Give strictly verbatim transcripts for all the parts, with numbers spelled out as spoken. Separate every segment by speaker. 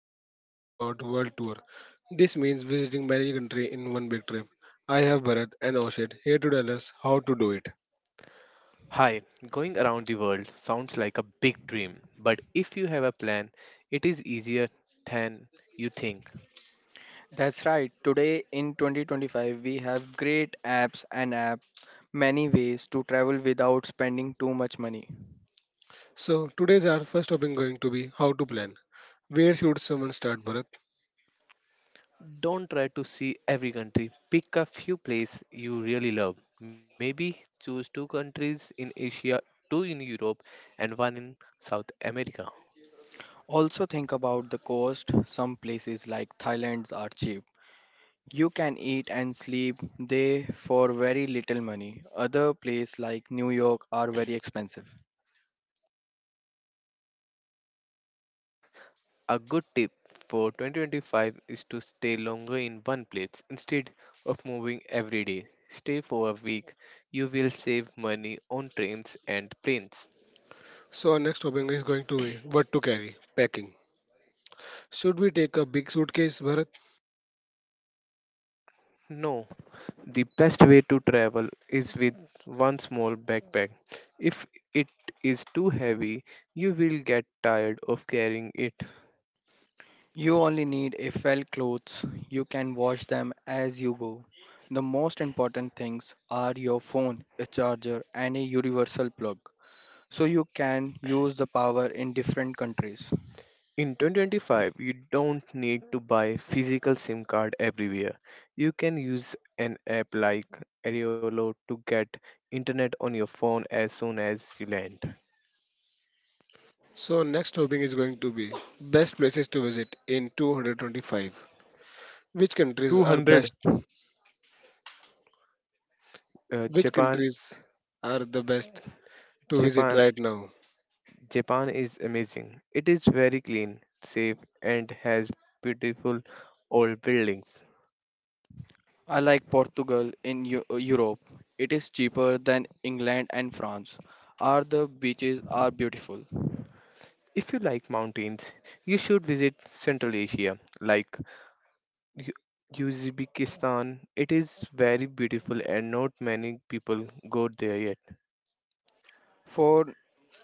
Speaker 1: Today we are talking about world tour. This means visiting many countries in one big trip. I have Bharat and Oshit here to tell us how to do it.
Speaker 2: Hi, going around the world sounds like a big dream, but if you have a plan, it is easier than you think.
Speaker 3: That's right. Today in twenty twenty-five, we have great apps and app many ways to travel without spending too much money.
Speaker 1: So today's our first topic going to be how to plan. Where should someone start, Bharat?
Speaker 2: Don't try to see every country. Pick a few places you really love. Maybe choose two countries in Asia, two in Europe, and one in South America.
Speaker 3: Also think about the cost. Some places like Thailand are cheap. You can eat and sleep there for very little money. Other places like New York are very expensive.
Speaker 2: A good tip for twenty twenty-five is to stay longer in one place instead of moving every day. Stay for a week. You will save money on trains and planes.
Speaker 1: So our next topic is going to be what to carry, packing. Should we take a big suitcase, Bharat?
Speaker 2: No, the best way to travel is with one small backpack. If it is too heavy, you will get tired of carrying it.
Speaker 3: You only need a felt clothes. You can wash them as you go. The most important things are your phone, a charger, and a universal plug, so you can use the power in different countries.
Speaker 2: In twenty twenty-five, you don't need to buy physical SIM card everywhere. You can use an app like Aeriolo to get internet on your phone as soon as you land.
Speaker 1: So our next topic is going to be best places to visit in two twenty-five. Which countries are
Speaker 2: two hundred
Speaker 1: best?
Speaker 2: uh,
Speaker 1: Which
Speaker 2: Japan
Speaker 1: countries are the best to visit
Speaker 2: Japan
Speaker 1: right now?
Speaker 2: Japan is amazing. It is very clean, safe, and has beautiful old buildings.
Speaker 3: I like Portugal in Eu- uh, Europe. It is cheaper than England and France. Are the beaches are beautiful.
Speaker 2: If you like mountains, you should visit Central Asia, like U- Uzbekistan. It is very beautiful, and not many people go there yet.
Speaker 3: For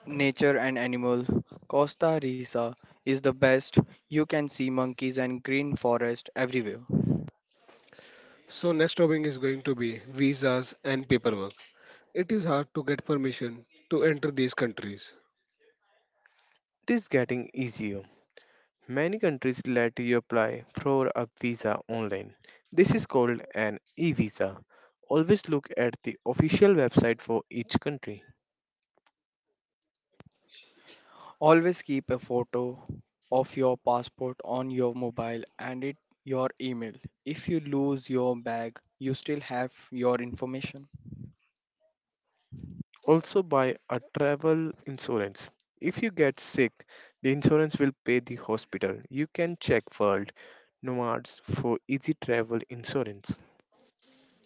Speaker 3: nature and animal, Costa Rica is the best. You can see monkeys and green forest everywhere.
Speaker 1: So next topic is going to be visas and paperwork. It is hard to get permission to enter these countries.
Speaker 2: It is getting easier. Many countries let you apply for a visa online. This is called an e visa. Always look at the official website for each country.
Speaker 3: Always keep a photo of your passport on your mobile and it your email. If you lose your bag, you still have your information.
Speaker 2: Also, buy a travel insurance. If you get sick, the insurance will pay the hospital. You can check World Nomads for easy travel insurance.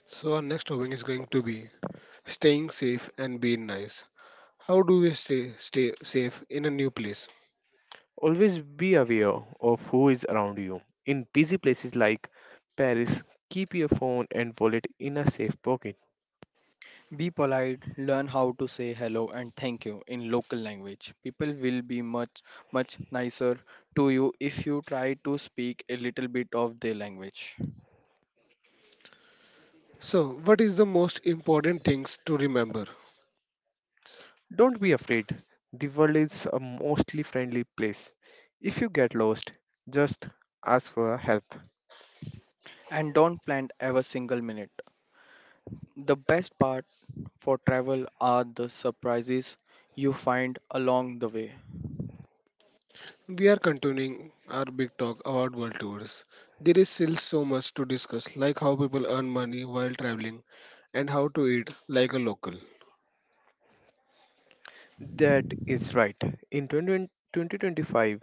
Speaker 1: So our next topic is going to be staying safe and being nice. How do we stay stay safe in a new place?
Speaker 2: Always be aware of who is around you. In busy places like Paris, keep your phone and wallet in a safe pocket.
Speaker 3: Be polite, learn how to say hello and thank you in local language. People will be much, much nicer to you if you try to speak a little bit of their language.
Speaker 1: So what is the most important things to remember?
Speaker 2: Don't be afraid. The world is a mostly friendly place. If you get lost, just ask for help.
Speaker 3: And don't plan every single minute. The best part for travel are the surprises you find along the way.
Speaker 1: We are continuing our big talk about world tours. There is still so much to discuss, like how people earn money while traveling and how to eat like a local.
Speaker 2: That is right. In twenty twenty,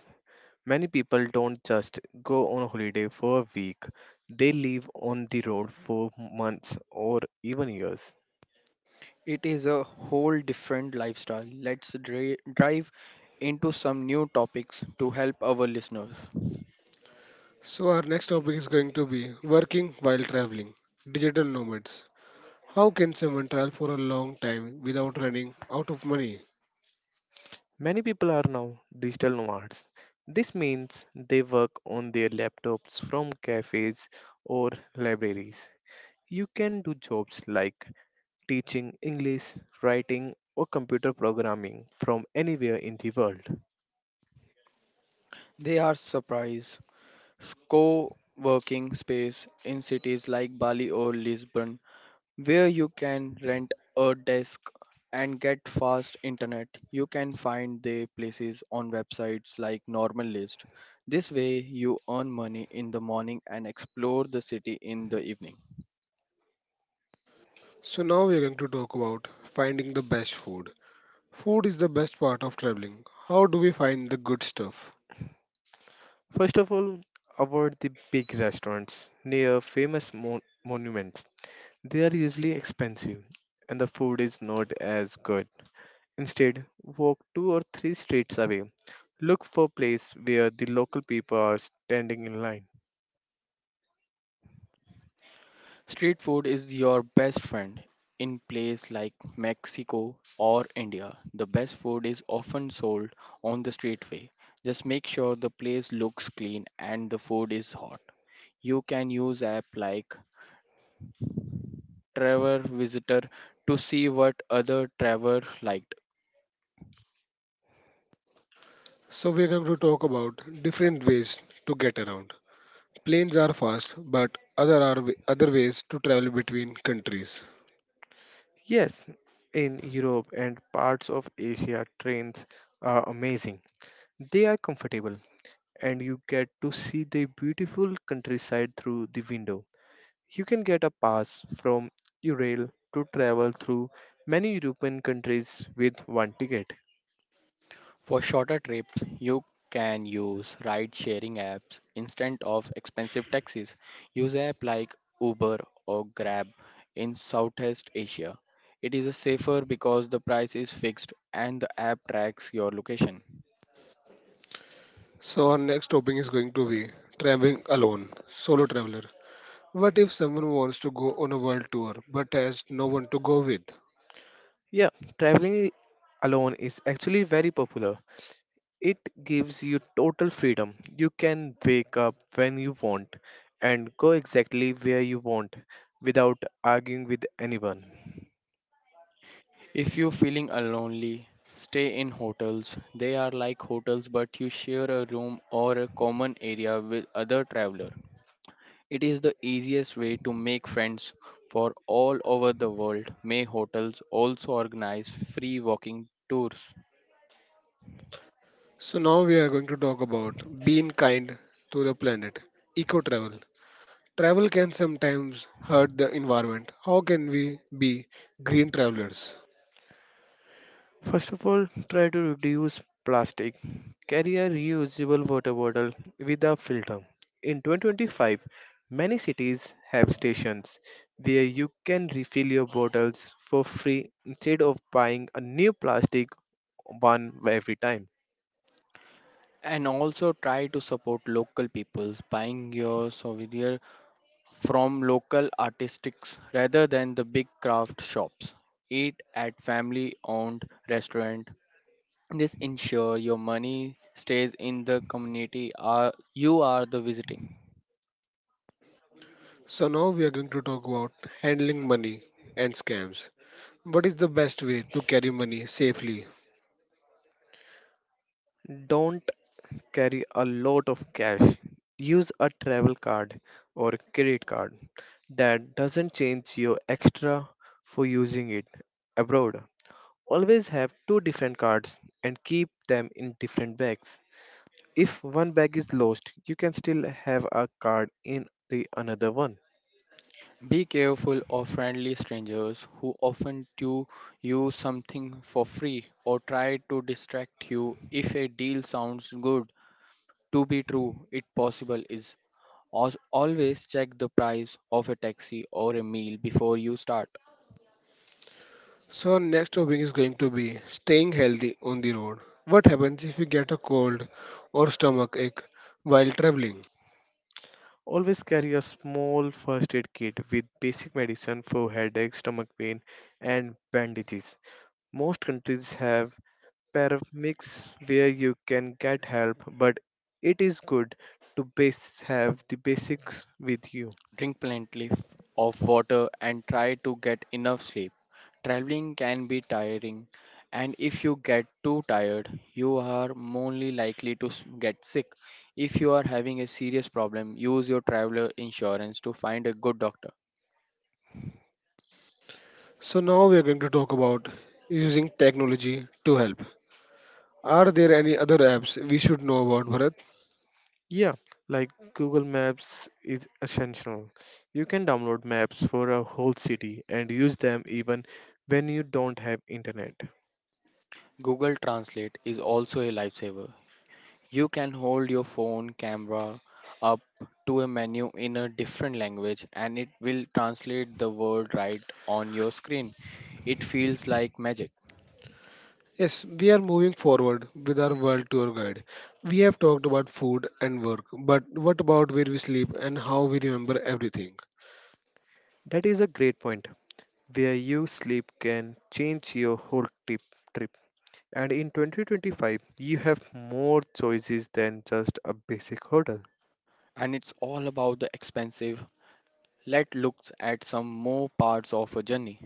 Speaker 2: many people don't just go on holiday for a week, they live on the road for months or even years.
Speaker 3: It is a whole different lifestyle. Let's dri- drive into some new topics to help our listeners.
Speaker 1: So our next topic is going to be working while traveling, digital nomads. How can someone travel for a long time without running out of money?
Speaker 2: Many people are now digital nomads. This means they work on their laptops from cafes or libraries. You can do jobs like teaching English, writing, or computer programming from anywhere in the world.
Speaker 3: They are surprise. Co working space in cities like Bali or Lisbon, where you can rent a desk and get fast internet. You can find their places on websites like Normal List. This way, you earn money in the morning and explore the city in the evening.
Speaker 1: So now we are going to talk about finding the best food. Food is the best part of traveling. How do we find the good stuff?
Speaker 2: First of all, avoid the big restaurants near famous mon- monuments. They are usually expensive, and the food is not as good. Instead, walk two or three streets away. Look for place where the local people are standing in line.
Speaker 3: Street food is your best friend. In places like Mexico or India, the best food is often sold on the streetway. Just make sure the place looks clean and the food is hot. You can use app like Travel Visitor to see what other travelers like.
Speaker 1: So we are going to talk about different ways to get around. Planes are fast, but other are wa- other ways to travel between countries.
Speaker 2: Yes, in Europe and parts of Asia, trains are amazing. They are comfortable, and you get to see the beautiful countryside through the window. You can get a pass from Eurail to travel through many European countries with one ticket.
Speaker 3: For shorter trips, you can use ride sharing apps instead of expensive taxis. Use apps like Uber or Grab in Southeast Asia. It is safer because the price is fixed and the app tracks your location.
Speaker 1: So our next topic is going to be traveling alone, solo traveler. What if someone wants to go on a world tour but has no one to go with?
Speaker 2: Yeah, traveling alone is actually very popular. It gives you total freedom. You can wake up when you want and go exactly where you want without arguing with anyone.
Speaker 3: If you're feeling uh, lonely, stay in hotels. They are like hotels, but you share a room or a common area with other traveler. It is the easiest way to make friends for all over the world. May hotels also organize free walking tours.
Speaker 1: So now we are going to talk about being kind to the planet, eco travel. Travel can sometimes hurt the environment. How can we be green travelers?
Speaker 2: First of all, try to reduce plastic. Carry a reusable water bottle with a filter. In two thousand twenty-five, many cities have stations where you can refill your bottles for free instead of buying a new plastic one every time.
Speaker 3: And also try to support local peoples buying your souvenir from local artistics rather than the big craft shops. Eat at family owned restaurant. This ensure your money stays in the community are- you are the visiting.
Speaker 1: So now we are going to talk about handling money and scams. What is the best way to carry money safely?
Speaker 2: Don't carry a lot of cash. Use a travel card or credit card that doesn't change your extra for using it abroad. Always have two different cards and keep them in different bags. If one bag is lost, you can still have a card in the another one.
Speaker 3: Be careful of friendly strangers who often do you something for free or try to distract you if a deal sounds good to be true it possible is. Als- always check the price of a taxi or a meal before you start.
Speaker 1: So our next topic is going to be staying healthy on the road. What happens if you get a cold or stomach ache while traveling?
Speaker 2: Always carry a small first aid kit with basic medicine for headache, stomach pain, and bandages. Most countries have paramedics where you can get help, but it is good to base have the basics with you.
Speaker 3: Drink plenty of water, and try to get enough sleep. Traveling can be tiring, and if you get too tired, you are only likely to s- get sick. If you are having a serious problem, use your traveler insurance to find a good doctor.
Speaker 1: So now we are going to talk about using technology to help. Are there any other apps we should know about, Bharat?
Speaker 2: Yeah, like Google Maps is essential. You can download maps for a whole city and use them even when you don't have internet.
Speaker 3: Google Translate is also a lifesaver. You can hold your phone camera up to a menu in a different language and it will translate the word right on your screen. It feels like magic.
Speaker 1: Yes, we are moving forward with our world tour guide. We have talked about food and work, but what about where we sleep and how we remember everything?
Speaker 2: That is a great point. Where you sleep can change your whole trip trip. And in twenty twenty-five, you have more choices than just a basic hotel.
Speaker 3: And it's all about the expensive. Let's look at some more parts of a journey.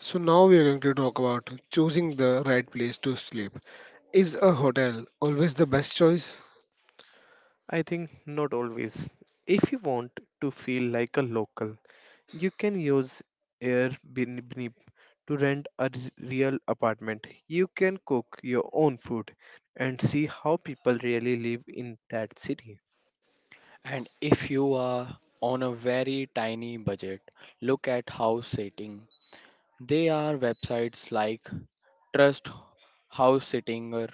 Speaker 1: So now we are going to talk about choosing the right place to sleep. Is a hotel always the best choice?
Speaker 2: I think not always. If you want to feel like a local, you can use Airbnb to rent a r- real apartment. You can cook your own food and see how people really live in that city.
Speaker 3: And if you are on a very tiny budget, look at house sitting. There are websites like Trust House Sittinger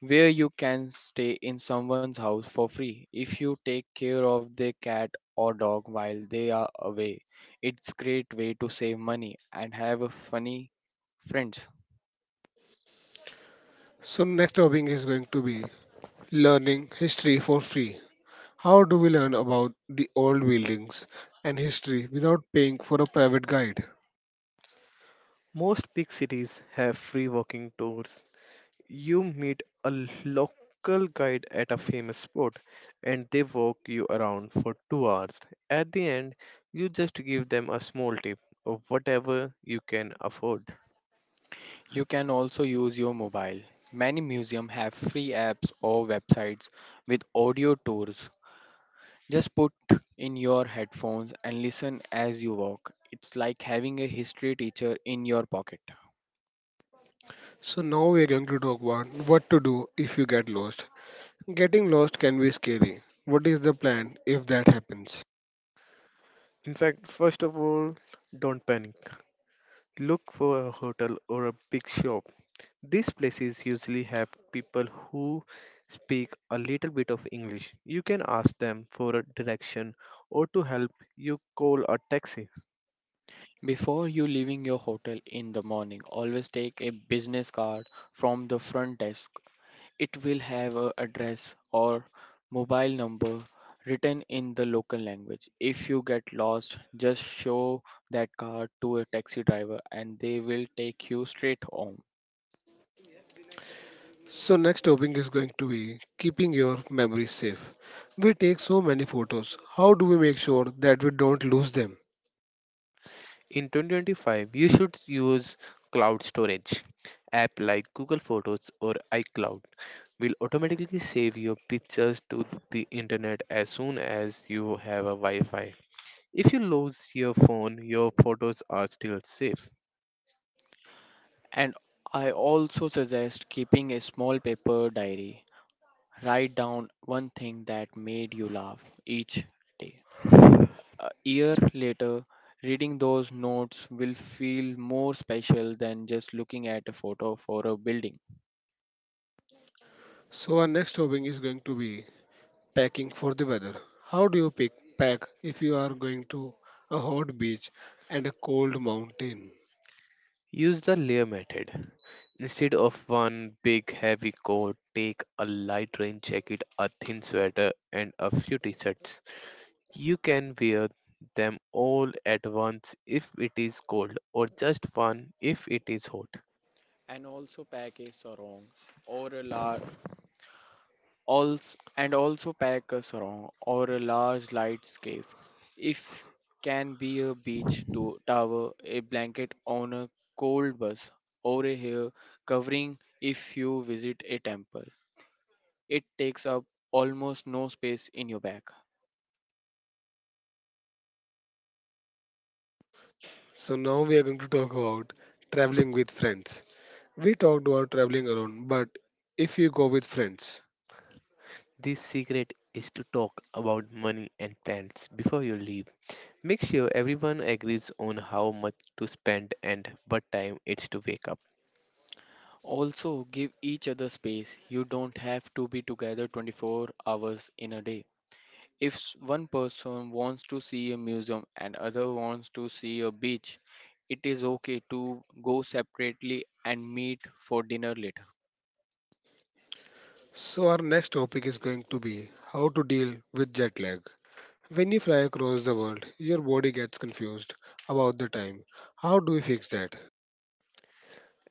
Speaker 3: where you can stay in someone's house for free if you take care of their cat or dog while they are away. It's great way to save money and have a funny friends.
Speaker 1: So next topic is going to be learning history for free. How do we learn about the old buildings and history without paying for a private guide?
Speaker 2: Most big cities have free walking tours. You meet a l- local guide at a famous spot and they walk you around for two hours. At the end, you just give them a small tip of whatever you can afford.
Speaker 3: You can also use your mobile. Many museums have free apps or websites with audio tours. Just put in your headphones and listen as you walk. It's like having a history teacher in your pocket.
Speaker 1: So now we are going to talk about what to do if you get lost. Getting lost can be scary. What is the plan if that happens?
Speaker 2: In fact, first of all, don't panic. Look for a hotel or a big shop. These places usually have people who speak a little bit of English. You can ask them for a direction or to help you call a taxi.
Speaker 3: Before you leaving your hotel in the morning, always take a business card from the front desk. It will have a address or mobile number written in the local language. If you get lost, just show that card to a taxi driver and they will take you straight home.
Speaker 1: So next topic is going to be keeping your memories safe. We take so many photos. How do we make sure that we don't lose them?
Speaker 2: In twenty twenty-five, you should use cloud storage. App like Google Photos or iCloud will automatically save your pictures to the internet as soon as you have a Wi-Fi. If you lose your phone, your photos are still safe.
Speaker 3: And I also suggest keeping a small paper diary. Write down one thing that made you laugh each day. A year later, reading those notes will feel more special than just looking at a photo for a building.
Speaker 1: So our next topic is going to be packing for the weather. How do you pick pack if you are going to a hot beach and a cold mountain?
Speaker 2: Use the layer method. Instead of one big heavy coat, take a light rain jacket, a thin sweater, and a few t shirts. You can wear them all at once if it is cold, or just one if it is hot.
Speaker 3: And also pack a sarong or a large also and also pack a sarong or a large light scarf if can be a beach to tower a blanket on a cold bus or a hair covering if you visit a temple. It takes up almost no space in your bag.
Speaker 1: So now we are going to talk about traveling with friends. We talked about traveling alone, but if you go with friends.
Speaker 2: The secret is to talk about money and plans before you leave. Make sure everyone agrees on how much to spend and what time it's to wake up.
Speaker 3: Also give each other space, you don't have to be together twenty-four hours in a day. If s- one person wants to see a museum and other wants to see a beach, it is okay to go separately and meet for dinner later.
Speaker 1: So our next topic is going to be how to deal with jet lag. When you fly across the world, your body gets confused about the time. How do we fix that?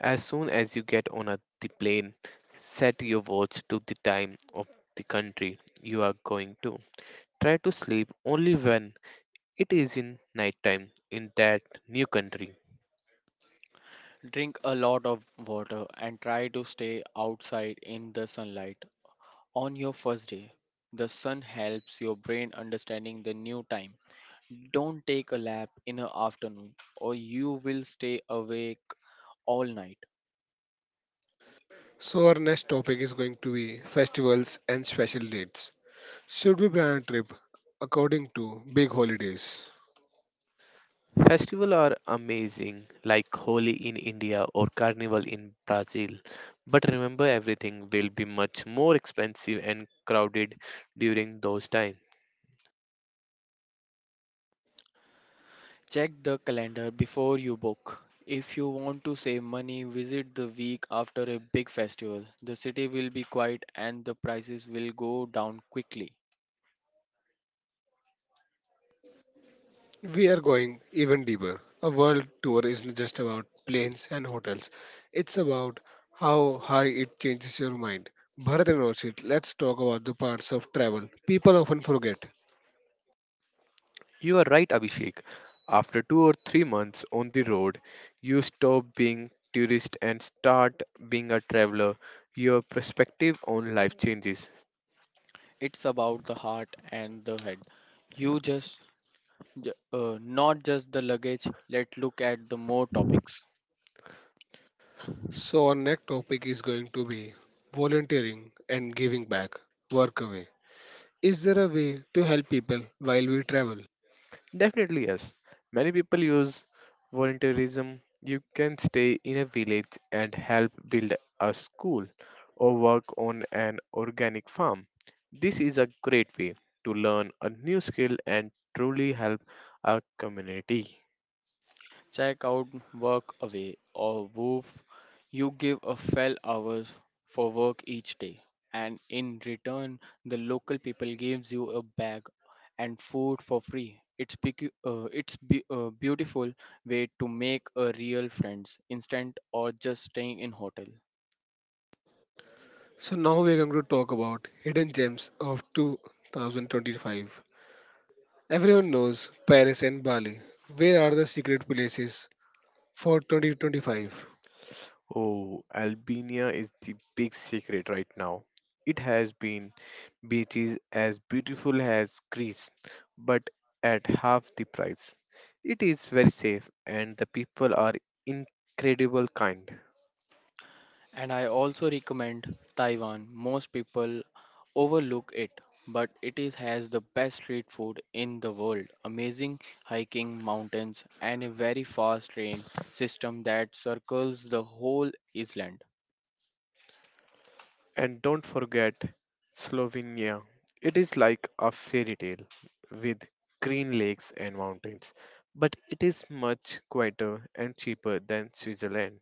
Speaker 2: As soon as you get on a, the plane, set your watch to the time of the country you are going to. Try to sleep only when it is in nighttime in that new country.
Speaker 3: Drink a lot of water and try to stay outside in the sunlight. On your first day, the sun helps your brain understanding the new time. Don't take a nap in the afternoon or you will stay awake all night.
Speaker 1: So our next topic is going to be festivals and special dates. Should we plan a trip according to big holidays?
Speaker 2: Festivals are amazing, like Holi in India or Carnival in Brazil. But remember, everything will be much more expensive and crowded during those times.
Speaker 3: Check the calendar before you book. If you want to save money, visit the week after a big festival. The city will be quiet and the prices will go down quickly.
Speaker 1: We are going even deeper. A world tour isn't just about planes and hotels, it's about how high it changes your mind. Bharat and Roshit, let's talk about the parts of travel people often forget.
Speaker 2: You are right, Abhishek. After two or three months on the road, you stop being tourist and start being a traveler. Your perspective on life changes.
Speaker 3: It's about the heart and the head. You just, j- uh, not just the luggage. Let's look at the more topics.
Speaker 1: So our next topic is going to be volunteering and giving back, work away. Is there a way to help people while we travel?
Speaker 2: Definitely yes. Many people use volunteerism. You can stay in a village and help build a school or work on an organic farm. This is a great way to learn a new skill and truly help a community.
Speaker 3: Check out work away or woof. You give a fell hours for work each day and in return the local people gives you a bag and food for free. It's bec- uh, it's be- a beautiful way to make a real friends instant or just staying in hotel.
Speaker 1: So now we're going to talk about hidden gems of two thousand twenty-five. Everyone knows Paris and Bali. Where are the secret places for twenty twenty-five?
Speaker 2: Oh, Albania is the big secret right now. It has been beaches as beautiful as Greece, but at half the price. It is very safe and the people are incredible kind.
Speaker 3: And I also recommend Taiwan. Most people overlook it, but it is has the best street food in the world. Amazing hiking mountains and a very fast train system that circles the whole island.
Speaker 2: And don't forget Slovenia. It is like a fairy tale with green lakes and mountains, but it is much quieter and cheaper than Switzerland.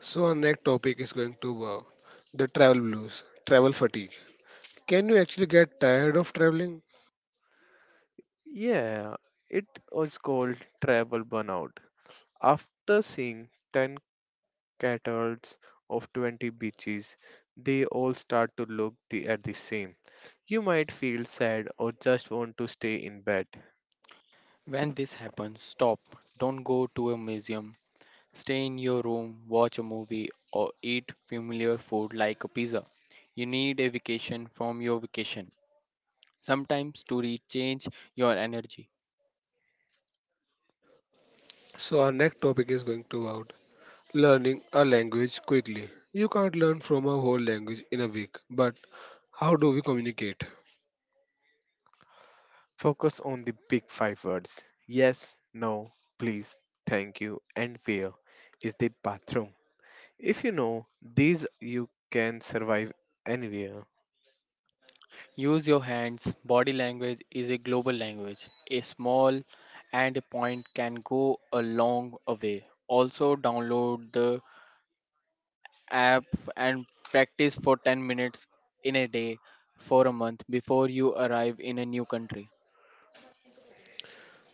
Speaker 1: So our next topic is going to be the travel blues, travel fatigue. Can you actually get tired of traveling?
Speaker 2: Yeah, it was called travel burnout. After seeing ten catalogs of twenty beaches, they all start to look the, at the same. You might feel sad or just want to stay in bed.
Speaker 3: When this happens, stop. Don't go to a museum. Stay in your room, watch a movie, or eat familiar food like a pizza. You need a vacation from your vacation. Sometimes to recharge your energy.
Speaker 1: So our next topic is going to about learning a language quickly. You can't learn from a whole language in a week, but how do we communicate?
Speaker 2: Focus on the big five words: yes, no, please, thank you, and where is the bathroom. If you know these, you can survive anywhere.
Speaker 3: Use your hands. Body language is a global language. A small and a point can go a long a way. Also, download the app and practice for ten minutes in a day for a month before you arrive in a new country.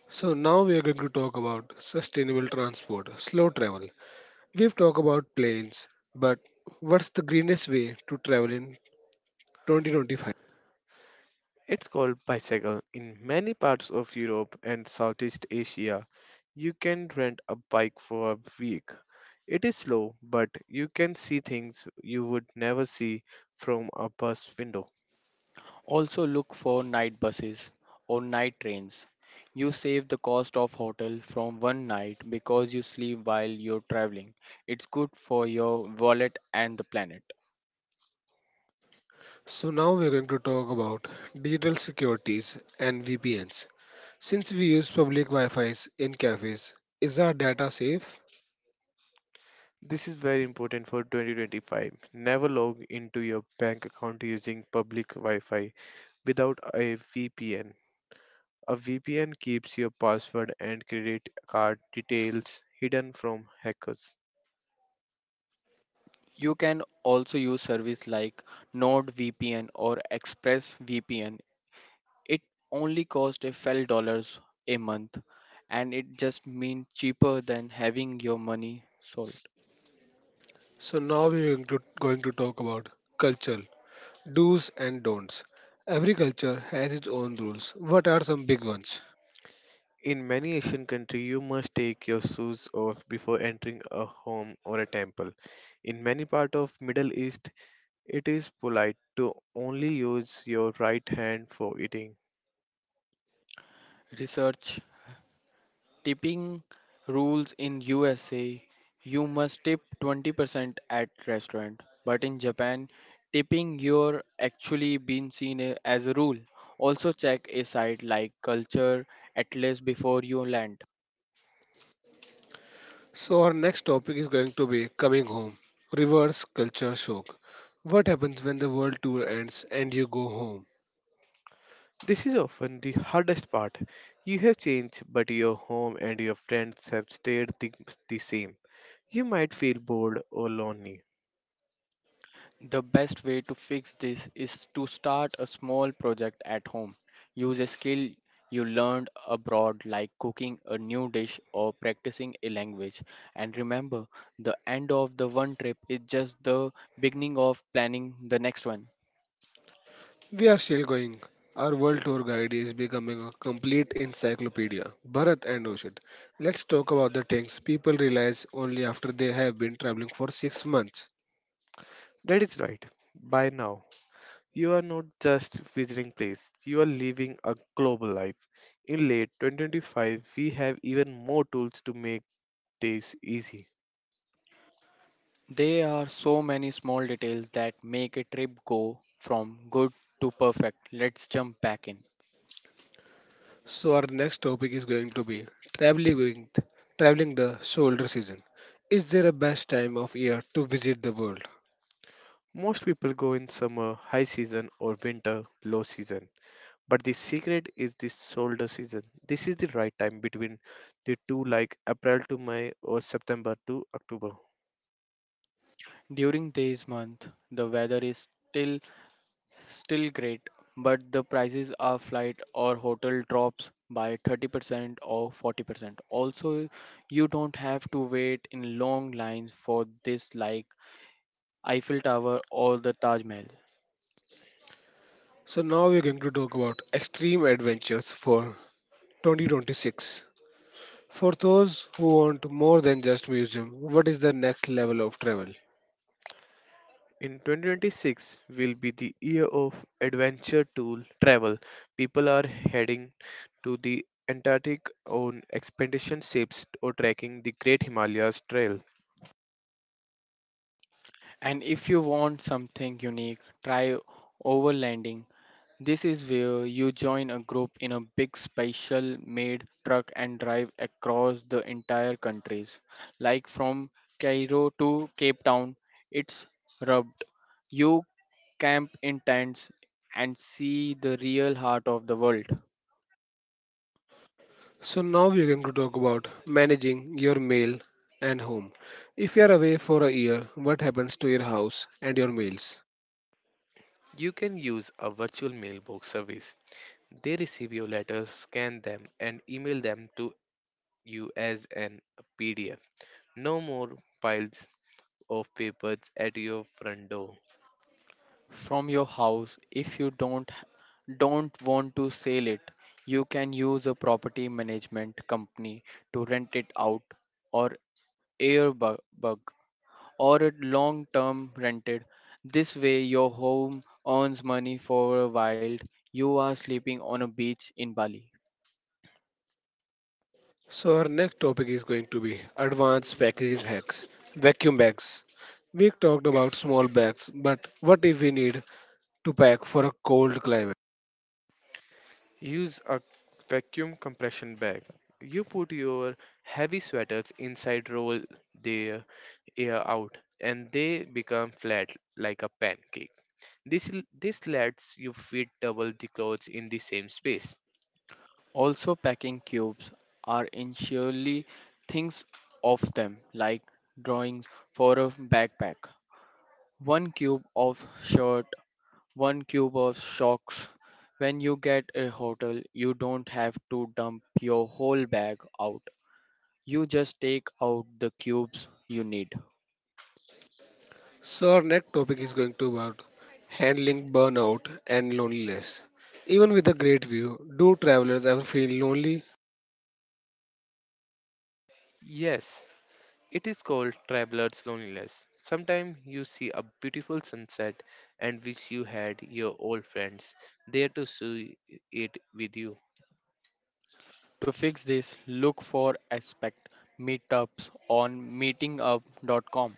Speaker 1: So now we are going to talk about sustainable transport, slow travel. We've talked about planes, but what's the greenest way to travel in twenty twenty-five?
Speaker 2: It's called bicycle. In many parts of Europe and Southeast Asia, you can rent a bike for a week. It is slow, but you can see things you would never see from a bus window.
Speaker 3: Also, look for night buses or night trains. You save the cost of hotel from one night because you sleep while you're traveling. It's good for your wallet and the planet.
Speaker 1: So now we're going to talk about digital securities and V P Ns. Since we use public Wi-Fi's in cafes, is our data safe?
Speaker 2: This is very important for twenty twenty-five. Never log into your bank account using public Wi Fi without a V P N. A V P N keeps your password and credit card details hidden from hackers.
Speaker 3: You can also use service like NordVPN or ExpressVPN. It only costs a few dollars a month and it just means cheaper than having your money sold.
Speaker 1: So now we're going to, going to talk about culture, do's and don'ts. Every culture has its own rules. What are some big ones?
Speaker 2: In many Asian countries, you must take your shoes off before entering a home or a temple. In many parts of Middle East, it is polite to only use your right hand for eating.
Speaker 3: Research tipping rules in U S A. You must tip twenty percent at restaurant, but in Japan tipping your actually been seen a- as a rule. Also check a site like Culture Atlas before you land.
Speaker 1: So our next topic is going to be coming home, reverse culture shock. What happens when the world tour ends and you go home?
Speaker 2: This is often the hardest part. You have changed, but your home and your friends have stayed the, the same. You might feel bored or lonely.
Speaker 3: The best way to fix this is to start a small project at home. Use a skill you learned abroad, like cooking a new dish or practicing a language. And remember, the end of the one trip is just the beginning of planning the next one.
Speaker 1: We are still going. Our world tour guide is becoming a complete encyclopedia. Bharat and Oshit, let's talk about the things people realize only after they have been traveling for six months.
Speaker 2: That is right. By now, you are not just visiting place, you are living a global life. In late twenty twenty-five, we have even more tools to make days easy.
Speaker 3: There are so many small details that make a trip go from good to perfect. Let's jump back in.
Speaker 1: So our next topic is going to be traveling with, traveling the shoulder season. Is there a best time of year to visit the world?
Speaker 2: Most people go in summer, high season, or winter, low season. But the secret is the shoulder season. This is the right time between the two, like April to May or September to October.
Speaker 3: During this month, the weather is still still great, but the prices are flight or hotel drops by thirty percent or forty percent. Also, you don't have to wait in long lines for this like Eiffel Tower or the Taj Mahal.
Speaker 1: So now we're going to talk about extreme adventures for twenty twenty-six. For those who want more than just museum, what is the next level of travel?
Speaker 2: In twenty twenty-six will be the year of adventure tool travel. People are heading to the Antarctic on expedition ships or trekking the Great Himalayas Trail.
Speaker 3: And if you want something unique, try overlanding. This is where you join a group in a big special made truck and drive across the entire countries. Like from Cairo to Cape Town, it's rubbed. You camp in tents and see the real heart of the world.
Speaker 1: So now we're going to talk about managing your mail and home. If you are away for a year, what happens to your house and your mails?
Speaker 2: You can use a virtual mailbox service. They receive your letters, scan them, and email them to you as an P D F. No more piles of papers at your front door.
Speaker 3: From your house, if you don't don't want to sell it, you can use a property management company to rent it out or airbug, or a long term rented. This way, your home earns money for a while you are sleeping on a beach in Bali.
Speaker 1: So our next topic is going to be advanced packaging hacks, vacuum bags. We talked about small bags, but what if we need to pack for a cold climate?
Speaker 2: Use a vacuum compression bag. You put your heavy sweaters inside, roll their air out, and they become flat like a pancake. This, l- this lets you fit double the clothes in the same space.
Speaker 3: Also, packing cubes are initially things of them, like drawings for a backpack. One cube of shirt, one cube of socks. When you get a hotel, you don't have to dump your whole bag out. You just take out the cubes you need.
Speaker 1: So our next topic is going to about handling burnout and loneliness. Even with a great view, do travelers ever feel lonely?
Speaker 2: Yes, it is called traveler's loneliness. Sometimes you see a beautiful sunset and wish you had your old friends there to see it with you.
Speaker 3: To fix this, look for Aspect meetups on meetingup dot com.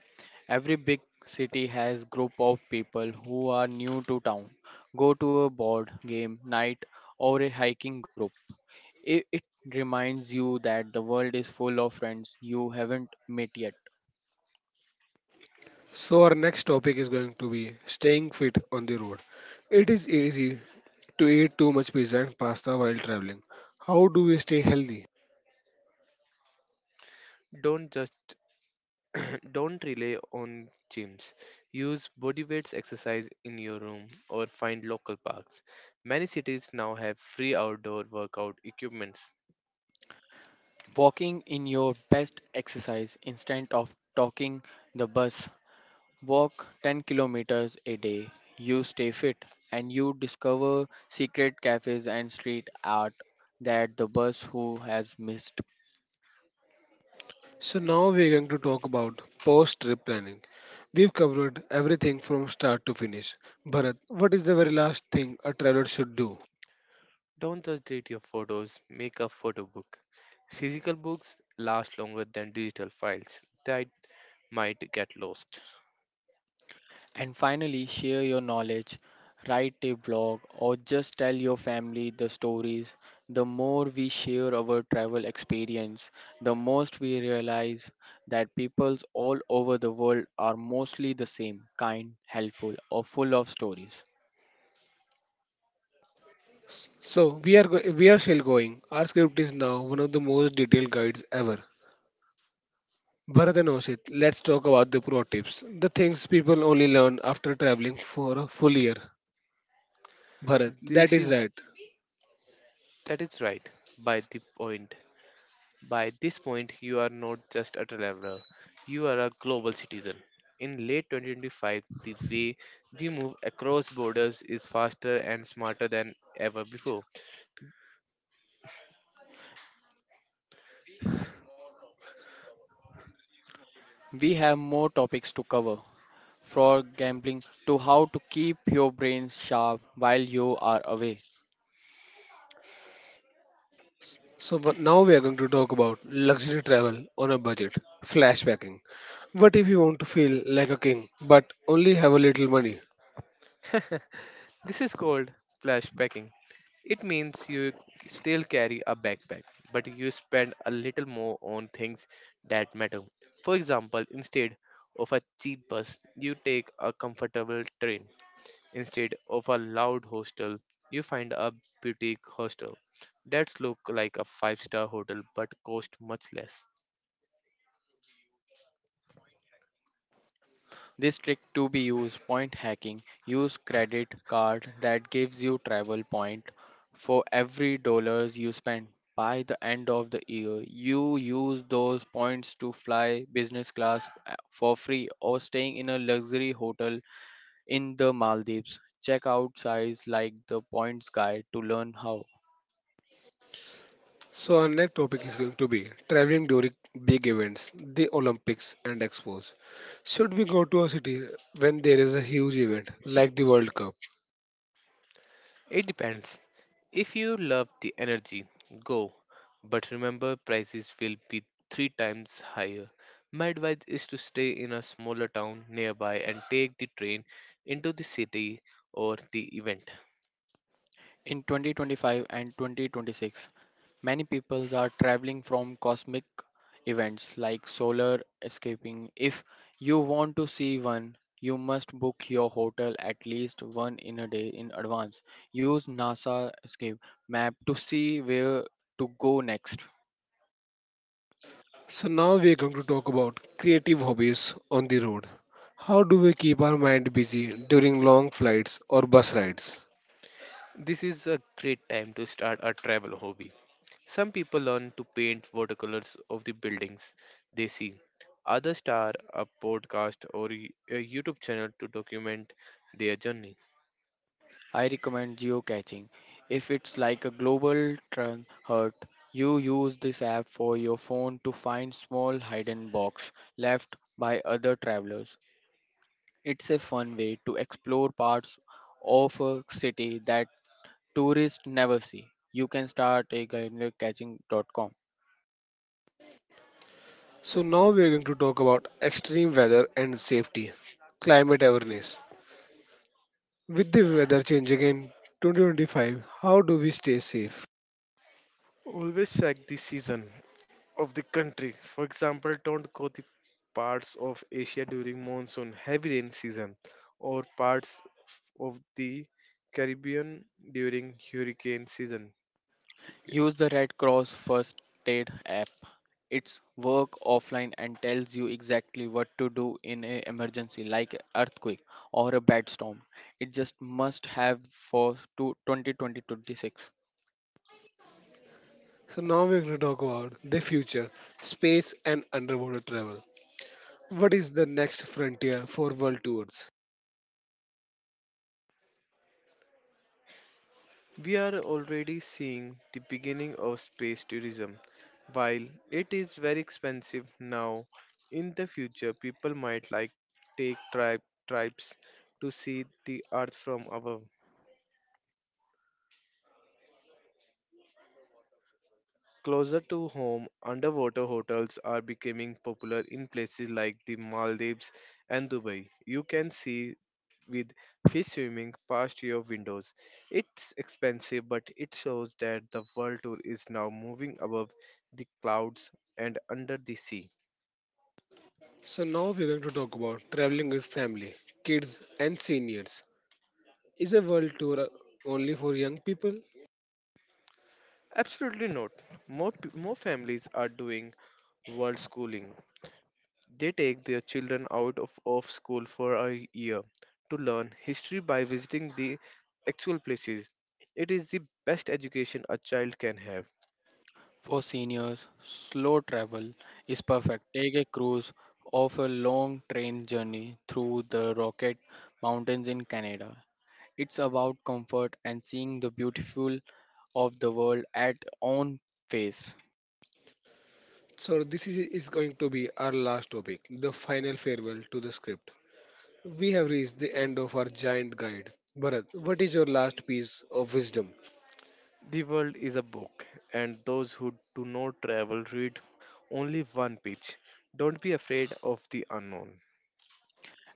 Speaker 3: Every big city has group of people who are new to town. Go to a board game night or a hiking group. It, it reminds you that the world is full of friends you haven't met yet.
Speaker 1: So our next topic is going to be staying fit on the road. It is easy to eat too much pizza and pasta while traveling. How do we stay healthy?
Speaker 2: Don't just Don't rely on gyms. Use body weights exercise in your room or find local parks. Many cities now have free outdoor workout equipments.
Speaker 3: Walking in your best exercise instead of talking the bus. Walk ten kilometers a day, you stay fit, and you discover secret cafes and street art that the bus who has missed.
Speaker 1: So now we're going to talk about post trip planning. We've covered everything from start to finish. Bharat, what is the very last thing a traveler should do?
Speaker 2: Don't just delete your photos, make a photo book. Physical books last longer than digital files that might get lost.
Speaker 3: And finally, share your knowledge, write a blog, or just tell your family the stories. The more we share our travel experience, the most we realize that peoples all over the world are mostly the same kind, helpful, or full of stories.
Speaker 1: So, we are, go- we are still going. Our script is now one of the most detailed guides ever. Bharat and Oshit, let's talk about the pro tips, the things people only learn after traveling for a full year. Bharat, that
Speaker 2: This
Speaker 1: is
Speaker 2: is
Speaker 1: right.
Speaker 2: That is right by the point. By this point, you are not just a traveler, you are a global citizen. In late twenty twenty-five, the way we move across borders is faster and smarter than ever before.
Speaker 3: We have more topics to cover, for gambling to how to keep your brain sharp while you are away.
Speaker 1: So wha- now we are going to talk about luxury travel on a budget, flashbacking. What if you want to feel like a king but only have a little money?
Speaker 2: This is called flashbacking. It means you c- still carry a backpack, but you spend a little more on things that matter. For example, instead of a cheap bus, you take a comfortable train. Instead of a loud hostel, you find a boutique hostel that's look like a five-star hotel but cost much less.
Speaker 3: This trick to be used point hacking. Use credit card that gives you travel point for every dollars you spend. By the end of the year, you use those points to fly business class uh, for free or staying in a luxury hotel in the Maldives. Check out sites like the Points Guide to learn how.
Speaker 1: So our next topic is going to be traveling during big events, the Olympics and Expos. Should we go to a city when there is a huge event like the World Cup?
Speaker 2: It depends. If you love the energy, go. But remember prices will be three times higher. My advice is to stay in a smaller town nearby and take the train into the city or the event.
Speaker 3: In twenty twenty-five and twenty twenty-six, many people are traveling from cosmic events like solar escaping. If you want to see one, you must book your hotel at least one in a day in advance. Use NASA escape map to see where to go next.
Speaker 1: So now we are going to talk about creative hobbies on the road. How do we keep our mind busy during long flights or bus rides?
Speaker 2: This is a great time to start a travel hobby. Some people learn to paint watercolors of the buildings they see. Others start a podcast or y- a YouTube channel to document their journey.
Speaker 3: I recommend geocaching. If it's like a global tran- hurt, you use this app for your phone to find small hidden box left by other travelers. It's a fun way to explore parts of a city that tourists never see. You can start a guidebookcatching dot com.
Speaker 1: So now we are going to talk about extreme weather and safety, climate awareness. With the weather changing in twenty twenty-five, how do we stay safe?
Speaker 2: Always check the season of the country. For example, don't go to parts of Asia during monsoon heavy rain season or parts of the Caribbean during hurricane season.
Speaker 3: Use the Red Cross First Aid app. It's work offline and tells you exactly what to do in an emergency like a earthquake or a bad storm. It just must have for to two oh two oh two six.
Speaker 1: So now we're going to talk about the future, space and underwater travel. What is the next frontier for world tours?
Speaker 2: We are already seeing the beginning of space tourism. While it is very expensive now, in the future people might like take tri- tribes to see the earth from above. Closer to home, underwater hotels are becoming popular in places like the Maldives and Dubai. You can see with fish swimming past your windows. It's expensive, but it shows that the world tour is now moving above the clouds and under the sea.
Speaker 1: So now we're going to talk about traveling with family, kids and seniors. Is a world tour only for young people?
Speaker 2: Absolutely not. More, p- more families are doing world schooling. They take their children out of, of school for a year to learn history by visiting the actual places. It is the best education a child can have.
Speaker 3: For seniors, slow travel is perfect. Take a cruise of a long train journey through the Rocket Mountains in Canada. It's about comfort and seeing the beautiful of the world at own pace.
Speaker 1: So this is, is going to be our last topic, the final farewell to the script. We have reached the end of our giant guide. Bharat, what is your last piece of wisdom?
Speaker 2: The world is a book, and those who do not travel read only one page. Don't be afraid of the unknown.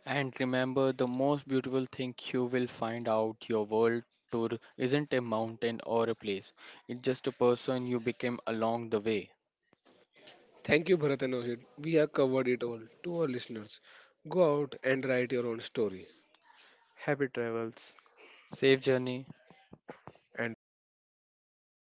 Speaker 3: And remember, the most beautiful thing you will find out your world tour isn't a mountain or a place. It's just a person you became along the way.
Speaker 1: Thank you, Bharat and Oshit. We have covered it all to our listeners. Go out and write your own story.
Speaker 2: Happy travels
Speaker 3: Safe journey.
Speaker 2: and be safe.